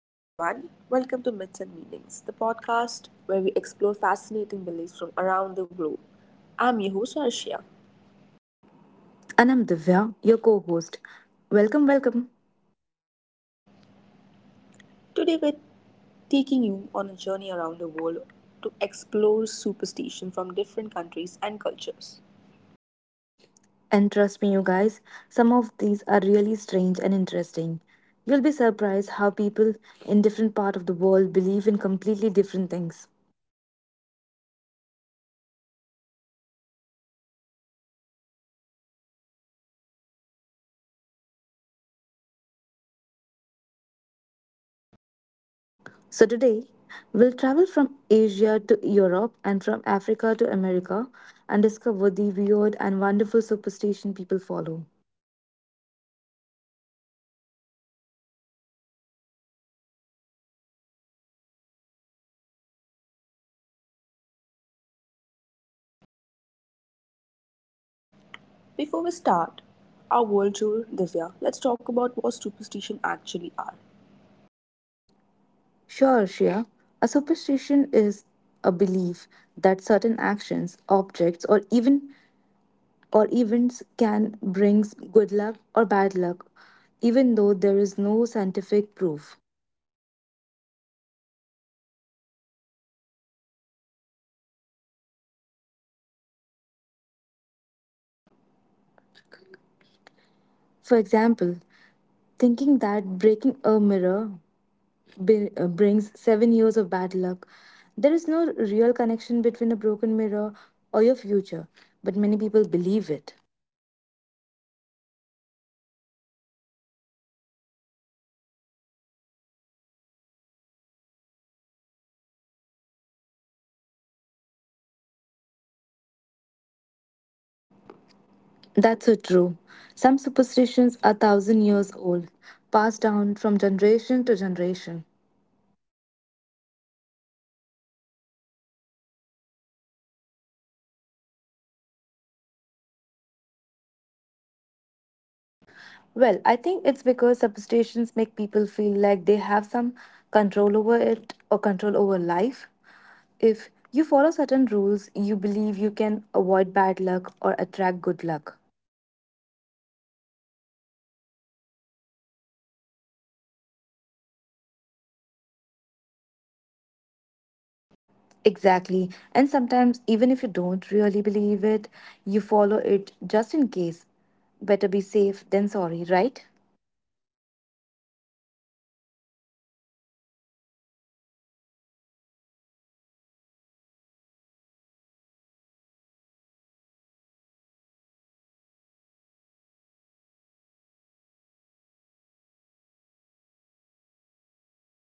Hello, everyone. Welcome to Myths and Meanings, the podcast where we explore fascinating beliefs from around the globe. I'm your host, Arshia. And I'm Divya, your co host. Welcome, welcome. Today, we're taking you on a journey around the world to explore superstition from different countries and cultures. And trust me, you guys, some of these are really strange and interesting. You'll be surprised how people in different parts of the world believe in completely different things. Exactly. What's lucky in one country might be unlucky in another. What's considered good in one culture might be bad in another. So today, we'll travel from Asia to Europe and from Africa to America and discover the weird and wonderful superstition people follow. We'll talk about numbers, colors, animals, everyday actions, and special occasions. So get comfortable, let's begin our global journey. Before we start our world tour, Divya, let's talk about what superstition actually are. Sure, Shia. A superstition is a belief that certain actions, objects, or even or events can bring good luck or bad luck, even though there is no scientific proof. Right, it's believing that one thing causes another, even when there's no logic connection. For example, thinking that breaking a mirror brings 7 years of bad luck, there is no real connection between a broken mirror or your future, but many people believe it. And the interesting thing is, almost every culture in the world has two superstitions. It doesn't matter if you're from India, America, China, or Brazil, people everywhere have these beliefs. That's so true. Some superstitions are thousand years old, passed down from generation to generation. And even our modern world, with all our technology and science, people still follow superstitions. Why do you think that is? Well, I think it's because superstitions make people feel like they have some control over it or control over life. If you follow certain rules, you believe you can avoid bad luck or attract good luck. Mm, that makes sense. It's about tradition and culture. When your parents and grandparents believe something, you often believe it too. Exactly. And sometimes, even if you don't really believe it, you follow it just in case. Better be safe than sorry, right? Ha, I do that sometimes too. So today, let's explore superstitions from around the world and see how different cultures think about luck, fortune, and fate. Let's start our journey in Asia. Divya, Asia has some of the most interesting superstition in the world.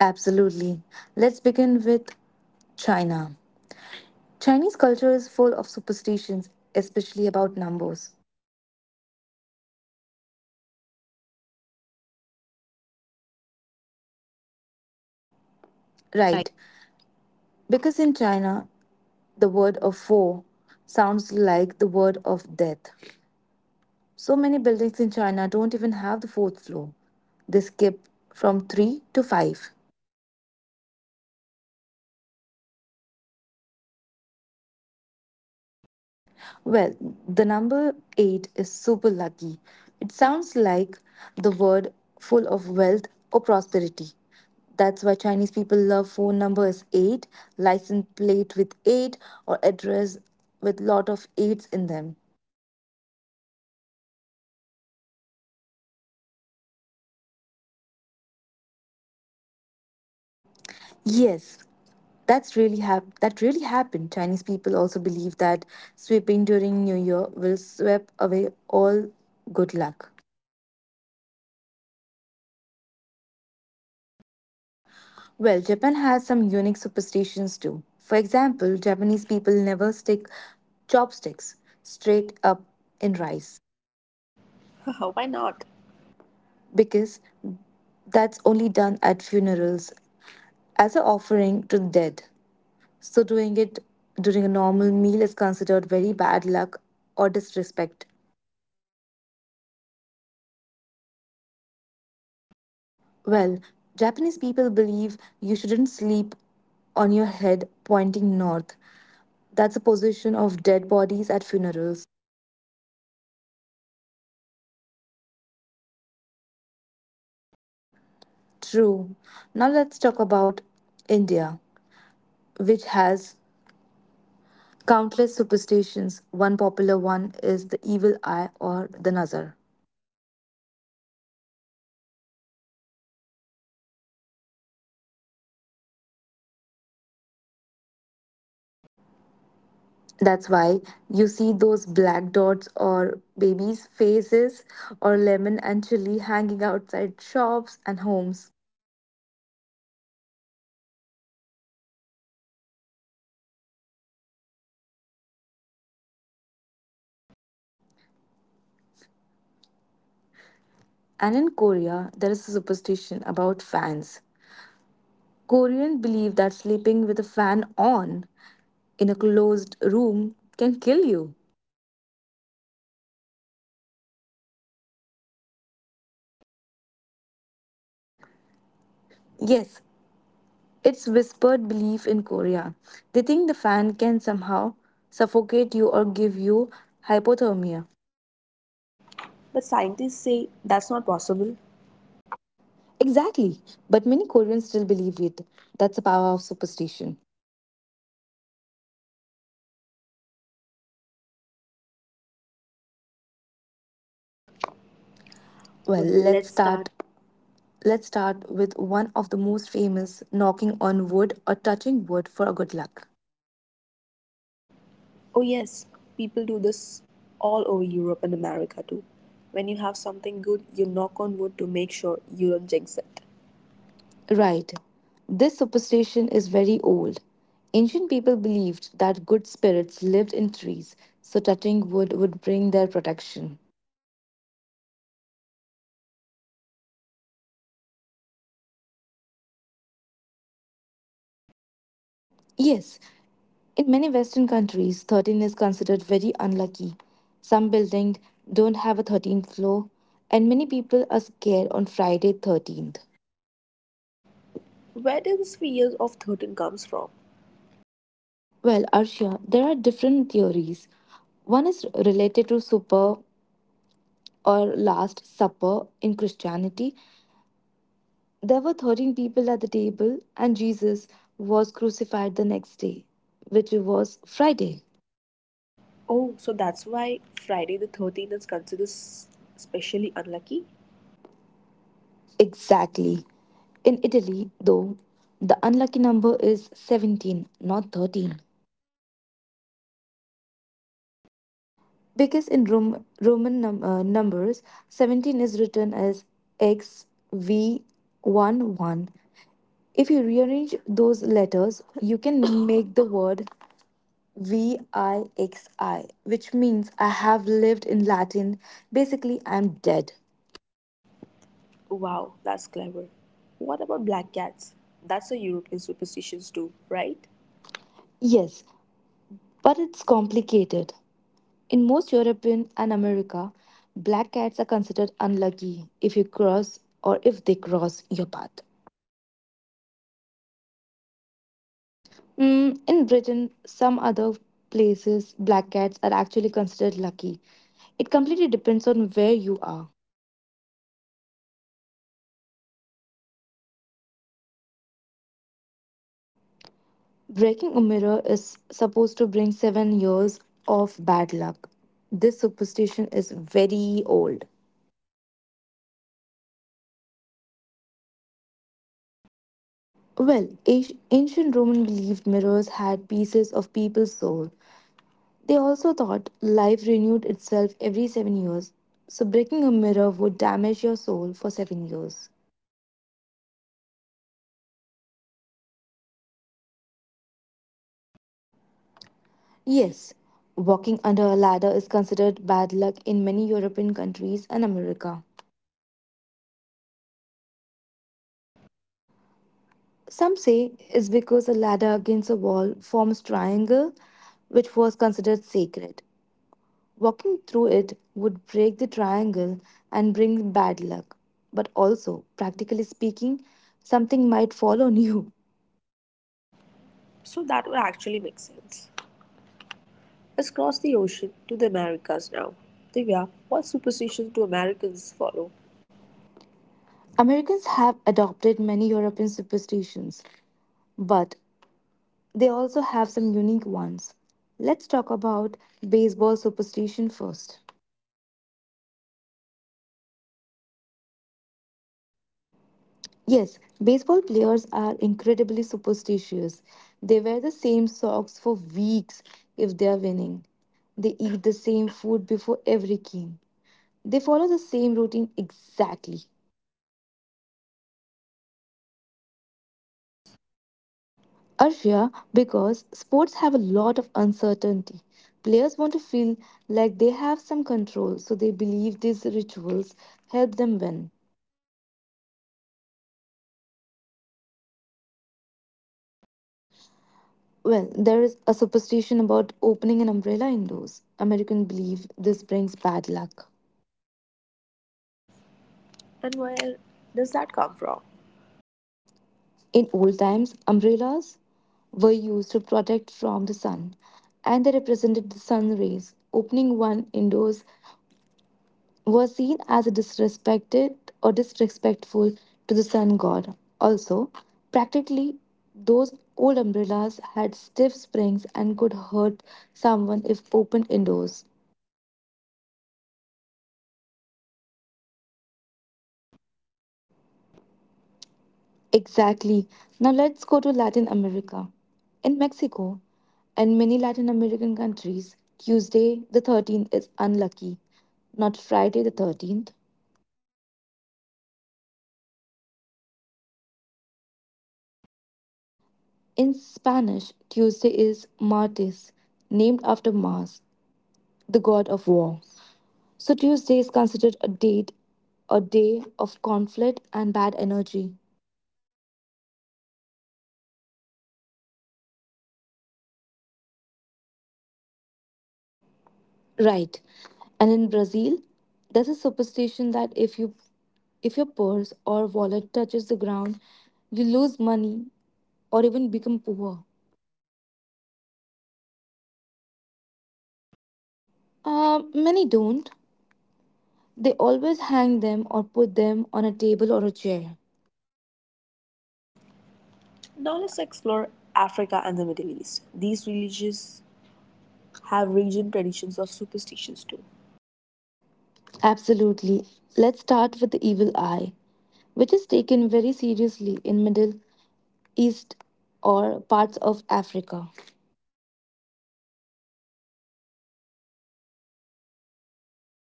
Absolutely. Let's begin with China. Chinese culture is full of superstitions, especially about numbers. Oh yes, the number four. Chinese people consider the number four very unlucky. Right. Because in China, the word of four sounds like the word of death. So many buildings in China don't even have the fourth floor. They skip from three to five. Wow. And what about lucky numbers in China? Well, the number eight is super lucky. It sounds like the word full of wealth or prosperity. That's why Chinese people love phone numbers 8, license plate with 8, or address with lot of 8s in them. I heard someone saw once paid millions for a phone number with all eights. Yes, that really happened. Chinese people also believe that sweeping during New Year will sweep away all good luck. Interesting. What about Japan? Well, Japan has some unique superstitions too. For example, Japanese people never stick chopsticks straight up in rice Why not? because that's only done at funerals as an offering to the dead. So doing it during a normal meal is considered very bad luck or disrespect. Oh, that's serious. What else from Japan? Well, Japanese people believe you shouldn't sleep on your head pointing north. That's a position of dead bodies at funerals. So many superstitions are connected to death and funerals. True. Now let's talk about India, which has countless superstitions. One popular one is the evil eye or the nazar. Yes, people believe that if someone looks at you, even envy or jealous, it can bring you bad luck or harm. That's why you see those black dots or babies' faces or lemon and chili hanging outside shops and homes. Right. The black dot is supposed to protect the baby from the evil eye by making them look less perfect. And in Korea, there is a superstition about fans. Koreans believe that sleeping with a fan on in a closed room can kill you. Really? That's called fan death, right? Yes, it's whispered belief in Korea. They think the fan can somehow suffocate you or give you hypothermia. But scientists say that's not possible. Exactly, but many Koreans still believe it. That's the power of superstition. Okay, Divya, now let's travel to Europe. Divya, what superstitions do Europeans have? Well, Well, let's let's start. start Let's start with one of the most famous knocking on wood or touching wood for good luck. Oh, yes, people do this all over Europe and America too. When you have something good, you knock on wood to make sure you don't jinx it. Right. This superstition is very old. Ancient people believed that good spirits lived in trees, so touching wood would bring their protection. Interesting. What about the number 13? That's a European superstition, isn't it? Yes, in many Western countries, 13 is considered very unlucky. Some buildings don't have a 13th floor, and many people are scared on Friday 13th. Where did this fear of 13 comes from? Well, Arshia, there are different theories. One is related to super or last supper in Christianity. There were 13 people at the table, and Jesus was crucified the next day, which was Friday. Oh, so that's why Friday the 13th is considered especially unlucky? Exactly. In Italy, though, the unlucky number is 17, not 13. Really? Why? Because in Roman numbers, 17 is written as XVII. If you rearrange those letters, you can make the word VIXI, which means I have lived in Latin. Basically, I'm dead. Wow, that's clever. What about black cats? That's a European superstition too, right? Yes, but it's complicated. In most European and America, black cats are considered unlucky if you cross or if they cross your path. But not everywhere. Mm, in Britain, some other places, black cats are actually considered lucky. It completely depends on where you are. That's so confusing. What about mirrors? Breaking a mirror is supposed to bring 7 years of bad luck. This superstition is very old. Why 7 years specifically? Well, ancient Roman believed mirrors had pieces of people's soul. They also thought life renewed itself every 7 years, so breaking a mirror would damage your soul for 7 years. That's quite dramatic. What about walking under ladders? Yes, walking under a ladder is considered bad luck in many European countries and America. Is there a reason for this one? Some say it's because a ladder against a wall forms triangle which was considered sacred. Walking through it would break the triangle and bring bad luck. But also, practically speaking, something might fall on you. So that would actually make sense. Let's cross the ocean to the Americas now. Divya, what superstitions do Americans follow? Americans have adopted many European superstitions, but they also have some unique ones. Let's talk about baseball superstition first. Oh, sports superstitions. Those are fun. Yes, baseball players are incredibly superstitious. They wear the same socks for weeks if they are winning. They eat the same food before every game. They follow the same routine exactly. Why are sports people so superstitious? Arshia, because sports have a lot of uncertainty. Players want to feel like they have some control, so they believe these rituals help them win. That makes sense. What is from America? Well, there is a superstition about opening an umbrella indoors. Americans believe this brings bad luck. And where does that come from? In old times, umbrellas were used to protect from the sun, and they represented the sun rays. Opening one indoors was seen as a disrespected or disrespectful to the sun god. Also, practically those old umbrellas had stiff springs and could hurt someone if opened indoors. So another practical reason turned superstition. Exactly. Now let's go to Latin America. In Mexico and many Latin American countries, Tuesday the 13th is unlucky, not Friday the 13th. Tuesday the 13th? Why Tuesday? In Spanish, Tuesday is Martes, named after Mars, the god of war. So Tuesday is considered a date, a day of conflict and bad energy. Interesting. How the same number 13 is unlucky, but on different days in different cultures. Right. And in Brazil, there's a superstition that if your purse or wallet touches the ground, you lose money or even become poor. So Brazilians never put their bags on the floor? Many don't. They always hang them or put them on a table or a chair. Now let's explore Africa and the Middle East. These religions have region traditions of superstitions too. Absolutely. Let's start with the evil eye, which is taken very seriously in Middle East or parts of Africa. We talked about the evil eye earlier with India,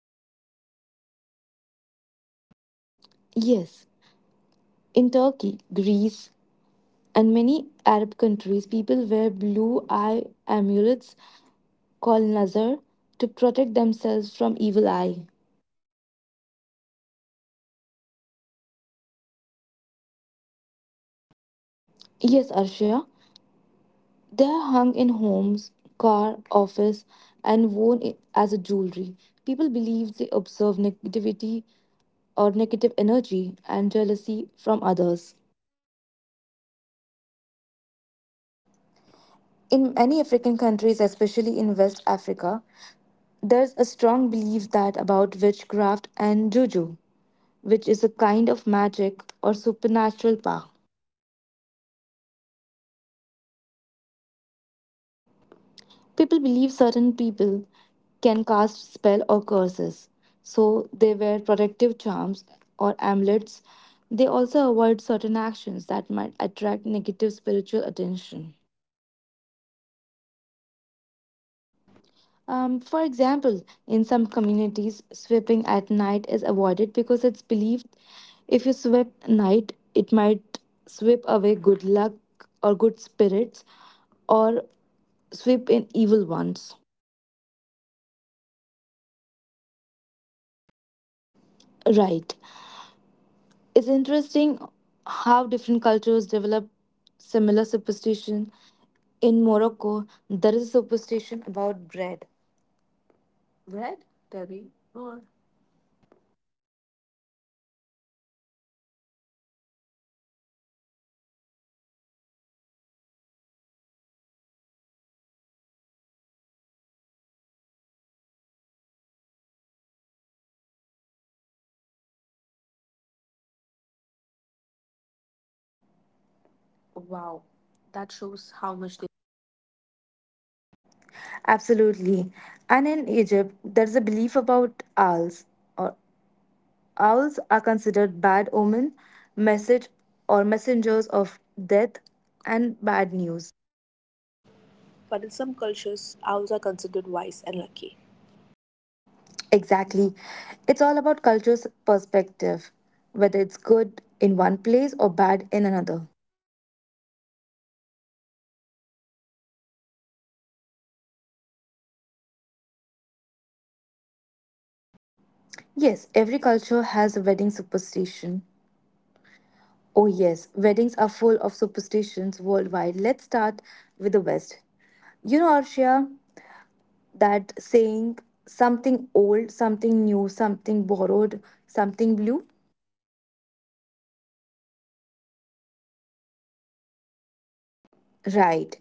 but it's big in the Middle East too, right? Yes, in Turkey, Greece, in many Arab countries, people wear blue eye amulets called nazar to protect themselves from evil eye. Those blue glass eye decorations, I've seen those everywhere. Yes, Arshia, they are hung in homes, car, office, and worn as a jewelry. People believe they observe negativity or negative energy and jealousy from others. What about Africa? In many African countries, especially in West Africa, there's a strong belief that about witchcraft and juju, which is a kind of magic or supernatural power. What kind of superstitions are related to this? People believe certain people can cast spell or curses, so they wear protective charms or amulets. They also avoid certain actions that might attract negative spiritual attention. Like what, Divya? For example, in some communities, sweeping at night is avoided because it's believed if you sweep night, it might sweep away good luck or good spirits, or sweep in evil ones. That's similar to Asian superstitions. Right. It's interesting how different cultures develop similar superstition. In Morocco, there is a superstition about bread. Bread? Bread? Tell Tell me me more. more. Wow, Wow, that that shows shows how how much much they. they value bread. Absolutely. And in Egypt, there's a belief about owls. Or owls are considered bad omen, message or messengers of death and bad news. But in some cultures, owls are considered wise and lucky. Exactly. It's all about culture's perspective, whether it's good in one place or bad in another. Now, Divya, let's talk about superstitions related to special occasions, especially weddings. Yes, every culture has a wedding superstition. Oh, yes, weddings are full of superstitions worldwide. Let's start with the West. You know, Arshia, that saying something old, something new, something borrowed, something blue? Yes, Western brides follow these traditions. Right.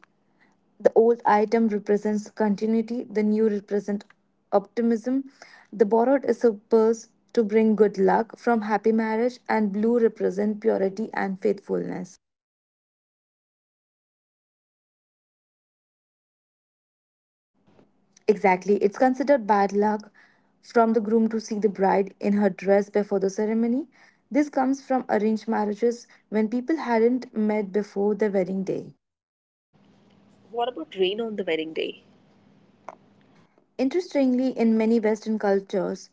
The old item represents continuity, the new represents optimism. The borrowed is supposed to bring good luck from happy marriage, and blue represents purity and faithfulness. And the bride shouldn't see the groom before the wedding, right? Exactly, it's considered bad luck from the groom to see the bride in her dress before the ceremony. This comes from arranged marriages when people hadn't met before the wedding day. What about rain on the wedding day? Interestingly, in many Western cultures,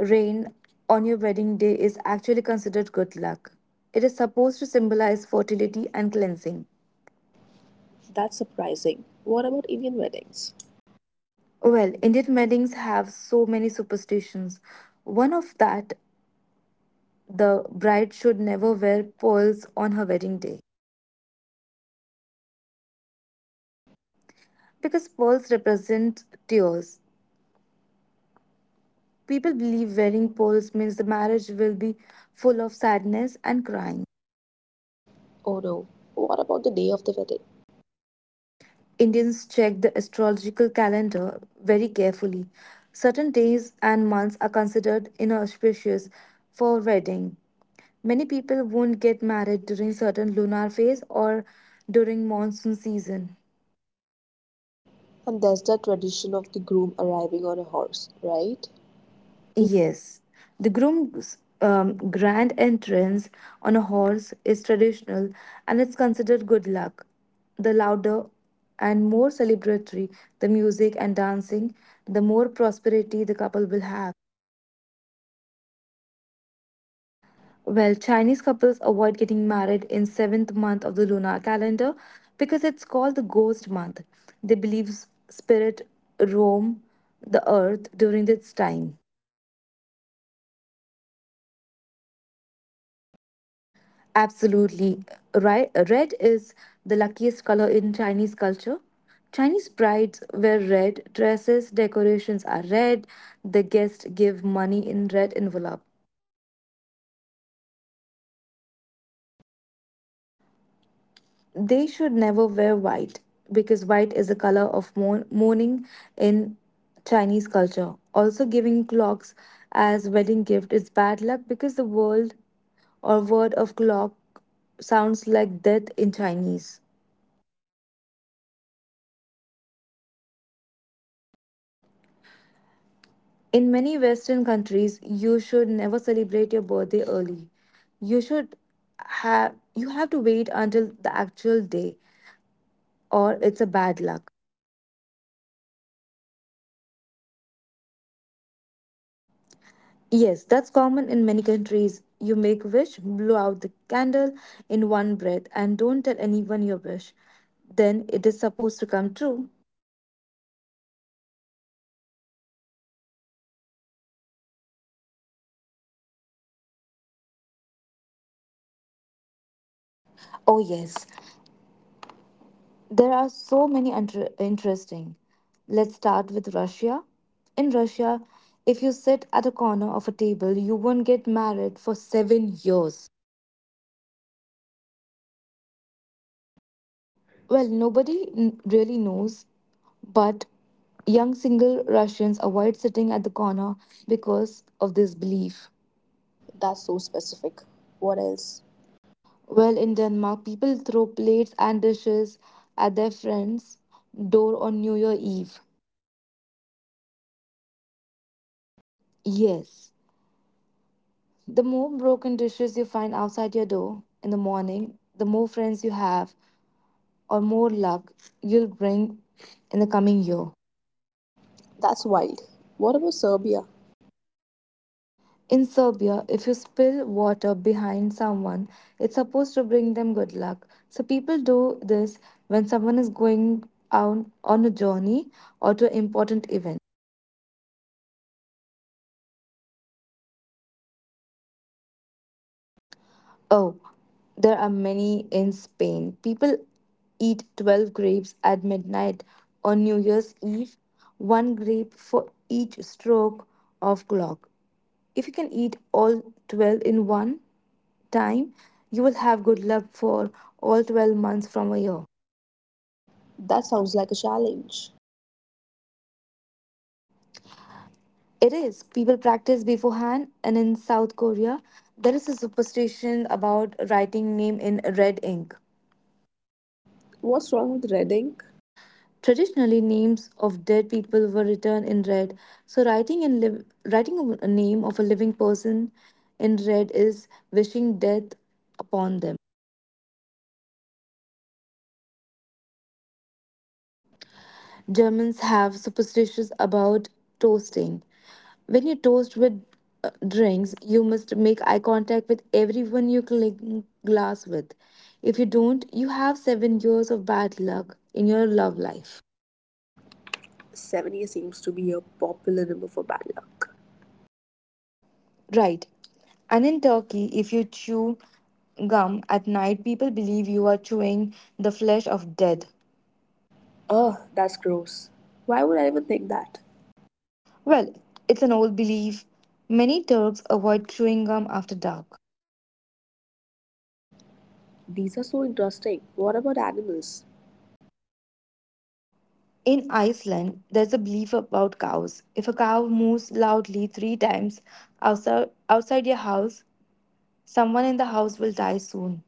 rain on your wedding day is actually considered good luck. It is supposed to symbolize fertility and cleansing. That's surprising. What about Indian weddings? Well, Indian weddings have so many superstitions. One of that, the bride should never wear pearls on her wedding day Oh, why not? Pearls are beautiful. because pearls represent tears. People believe wearing pearls means the marriage will be full of sadness and crying. Oh no, what about the day of the wedding? Indians check the astrological calendar very carefully. Certain days and months are considered inauspicious for wedding. Many people won't get married during certain lunar phase or during monsoon season. And there's the tradition of the groom arriving on a horse, right? Yes, the groom's grand entrance on a horse is traditional and it's considered good luck. The louder and more celebratory the music and dancing, the more prosperity the couple will have. And what about Chinese weddings? Well, Chinese couples avoid getting married in seventh month of the lunar calendar because it's called the ghost month. They believe spirit roam the earth during this time. And the color red is very important, right? Absolutely. Right. Red is the luckiest color in Chinese culture. Chinese brides wear red dresses, decorations are red, the guests give money in red envelope. And what do Chinese brides avoid? They should never wear white because white is a color of mourning in Chinese culture. Also, giving clocks as wedding gift is bad luck because the world or word of clock sounds like death in Chinese. So many things to remember. What about birthdays? In many Western countries, you should never celebrate your birthday early. You should you have to wait until the actual day or it's a bad luck. And making a wish while blowing our candles, right? Yes, that's common in many countries. You make wish, blow out the candle in one breath, and don't tell anyone your wish. Then it is supposed to come true. Let's talk about some really weird and unusual superstitions from around the world. Divya, you found some strange ones, right? Oh, yes, there are so many interesting. Let's start with Russia. In Russia, if you sit at a corner of a table, you won't get married for 7 years. What? Why the corner of a table? Well, nobody really knows, but young single Russians avoid sitting at the corner because of this belief. That's so specific. What else? Well, in Denmark, people throw plates and dishes at their friends' door on New Year Eve. They make dishes on purpose? Yes. The more broken dishes you find outside your door in the morning, the more friends you have or more luck you'll bring in the coming year. That's wild. What about Serbia? In Serbia, if you spill water behind someone, it's supposed to bring them good luck. So people do this when someone is going out on a journey or to an important event. Like a good luck ritual. What about food related superstitions? Oh, there are many in Spain. People eat 12 grapes at midnight on New Year's Eve, one grape for each stroke of clock. If you can eat all 12 in one time, you will have good luck for all 12 months from a year. That sounds like a challenge. It is. People practice beforehand, and in South Korea, there is a superstition about writing name in red ink. What's wrong with red ink? Traditionally, names of dead people were written in red, so writing a name of a living person in red is wishing death upon them. Oh my, that's serious. What about Germany? Germans have superstitions about toasting. When you toast with drinks, you must make eye contact with everyone you cling glass with. If you don't, you have 7 years of bad luck in your love life. 70 seems to be a popular number for bad luck. Right. And in Turkey, if you chew gum at night, people believe you are chewing the flesh of dead. Ugh, that's gross. Why would I even think that? Well, it's an old belief. Many Turks avoid chewing gum after dark. These are so interesting. What about animals? In Iceland, there's a belief about cows. If a cow moos loudly three times outside your house, someone in the house will die soon.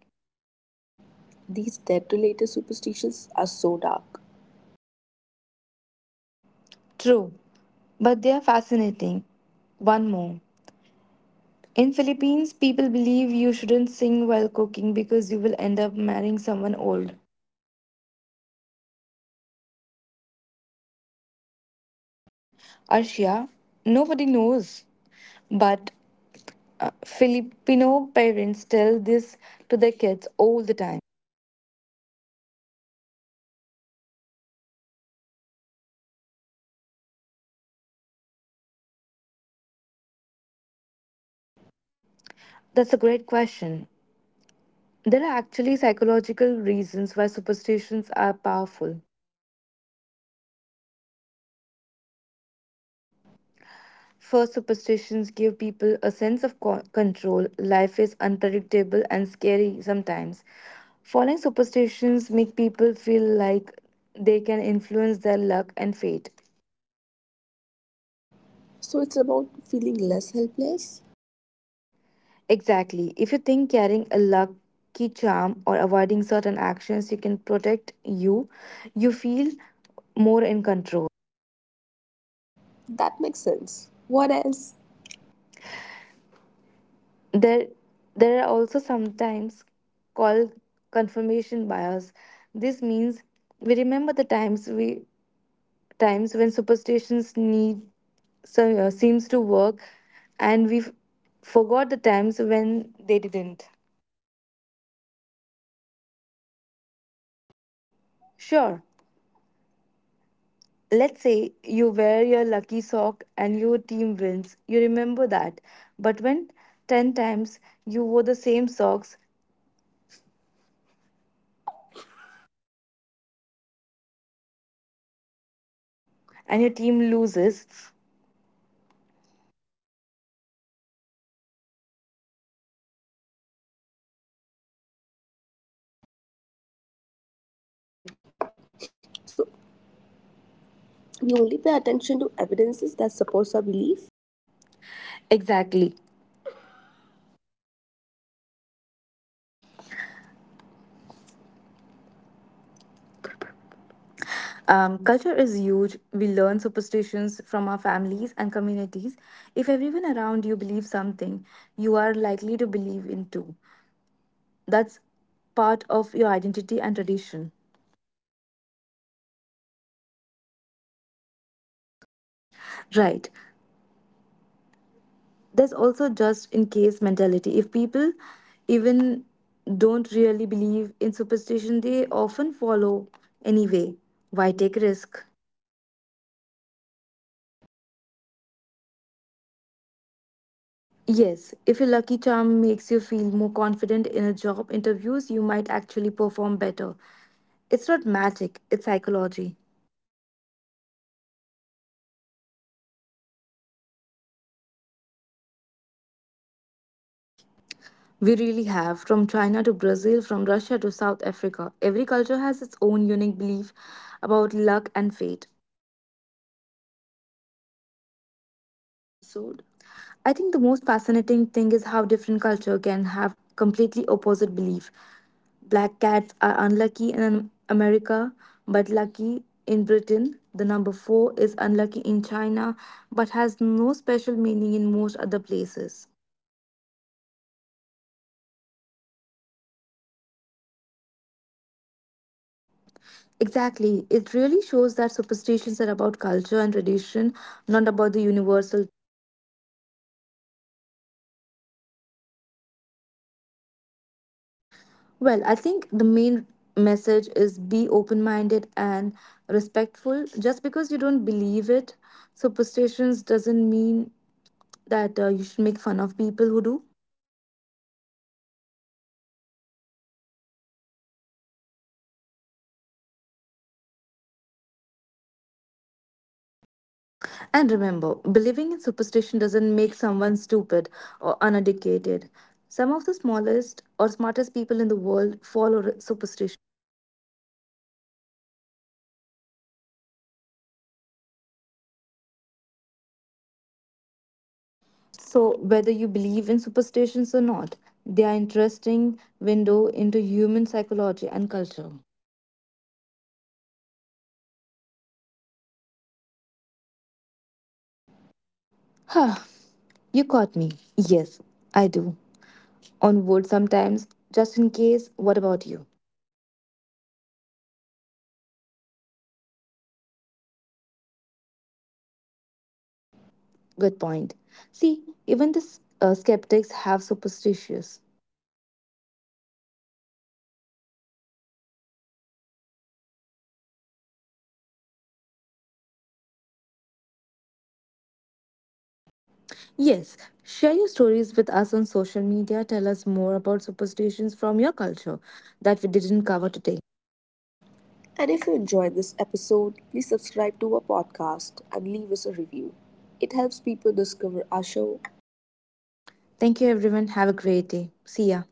These death related superstitions are so dark. True, but they are fascinating. One more. In Philippines, people believe you shouldn't sing while cooking because you will end up marrying someone old. Ha, that's funny. Why old specifically? Arshia, nobody knows. But Filipino parents tell this to their kids all the time. Divya, after hearing all these superstitions, I have to ask why do people believe in this thing? We live in a modern scientific world. That's a great question. There are actually psychological reasons why superstitions are powerful. Tell us more. First, superstitions give people a sense of control. Life is unpredictable and scary sometimes. Following superstitions make people feel like they can influence their luck and fate. So it's about feeling less helpless? Exactly. If you think carrying a lucky charm or avoiding certain actions you can protect you, you feel more in control. That makes sense. What else? There there are also sometimes called confirmation bias. This means we remember the times we times when superstitions need so, seems to work and we forgot the times when they didn't. Can you give an example? Sure, let's say you wear your lucky sock and your team wins. You remember that, but when 10 times you wore the same socks and your team loses. So we only so we only pay attention to evidences that supports our belief, Exactly. Culture is huge. We learn superstitions from our families and communities. If everyone around you believes something, you are likely to believe in too. That's part of your identity and tradition. and nobody wants to be the one to break tradition and risk bad luck. Right. There's also just in case mentality. If people even don't really believe in superstition, they often follow anyway. Why take risk? Better safe than sorry. Yes, if your lucky charm makes you feel more confident in a job interviews, you might actually perform better. It's not magic, it's psychology. Wow, Divya, we have covered so much today. We have traveled all around the world exploring superstitions. We really have, from china to brazil, from russia to south africa, every culture has its own unique belief about luck and fate. What did you find most interesting from today's Episode. episode? I think the most fascinating thing is how different culture can have completely opposite belief. Black cats are unlucky in America but lucky in Britain. The number 4 is unlucky in China but has no special meaning in most other places. Right, and some superstitions that seems weird to us are completely normal to other people. Exactly. It really shows that superstitions are about culture and tradition, not about the universal. What should our listeners take away from this episode? Well, I think the main message is be open minded and respectful. Just because you don't believe it, superstitions doesn't mean that you should make fun of people who do. Absolutely. Superstitions are part of people's cultural identity. They connect us to our history, our family, and our communities. And remember, believing in superstition doesn't make someone stupid or uneducated. Some of the smallest or smartest people in the world follow superstition. True, many successful athletes, business people, and even scientists have their lucky rituals. So, whether you believe in superstitions or not, they are interesting window into human psychology and culture. Before we go, Divya, do you follow any superstition yourself? Huh. You caught me. Yes, I do. On wood sometimes, just in case. What about you? I avoid walking under ladders, but that's also just practical. Something might fall off on me. Good point. See, even the skeptics have superstitions. So, dear listeners, what superstitions do you follow? Do you have any unique family traditions or beliefs? We'd love to hear from you. Yes, share your stories with us on social media. Tell us more about superstitions from your culture that we didn't cover today. And if you enjoyed this episode, please subscribe to our podcast and leave us a review. It helps people discover our show. Thank you, everyone. Have a great day. See ya.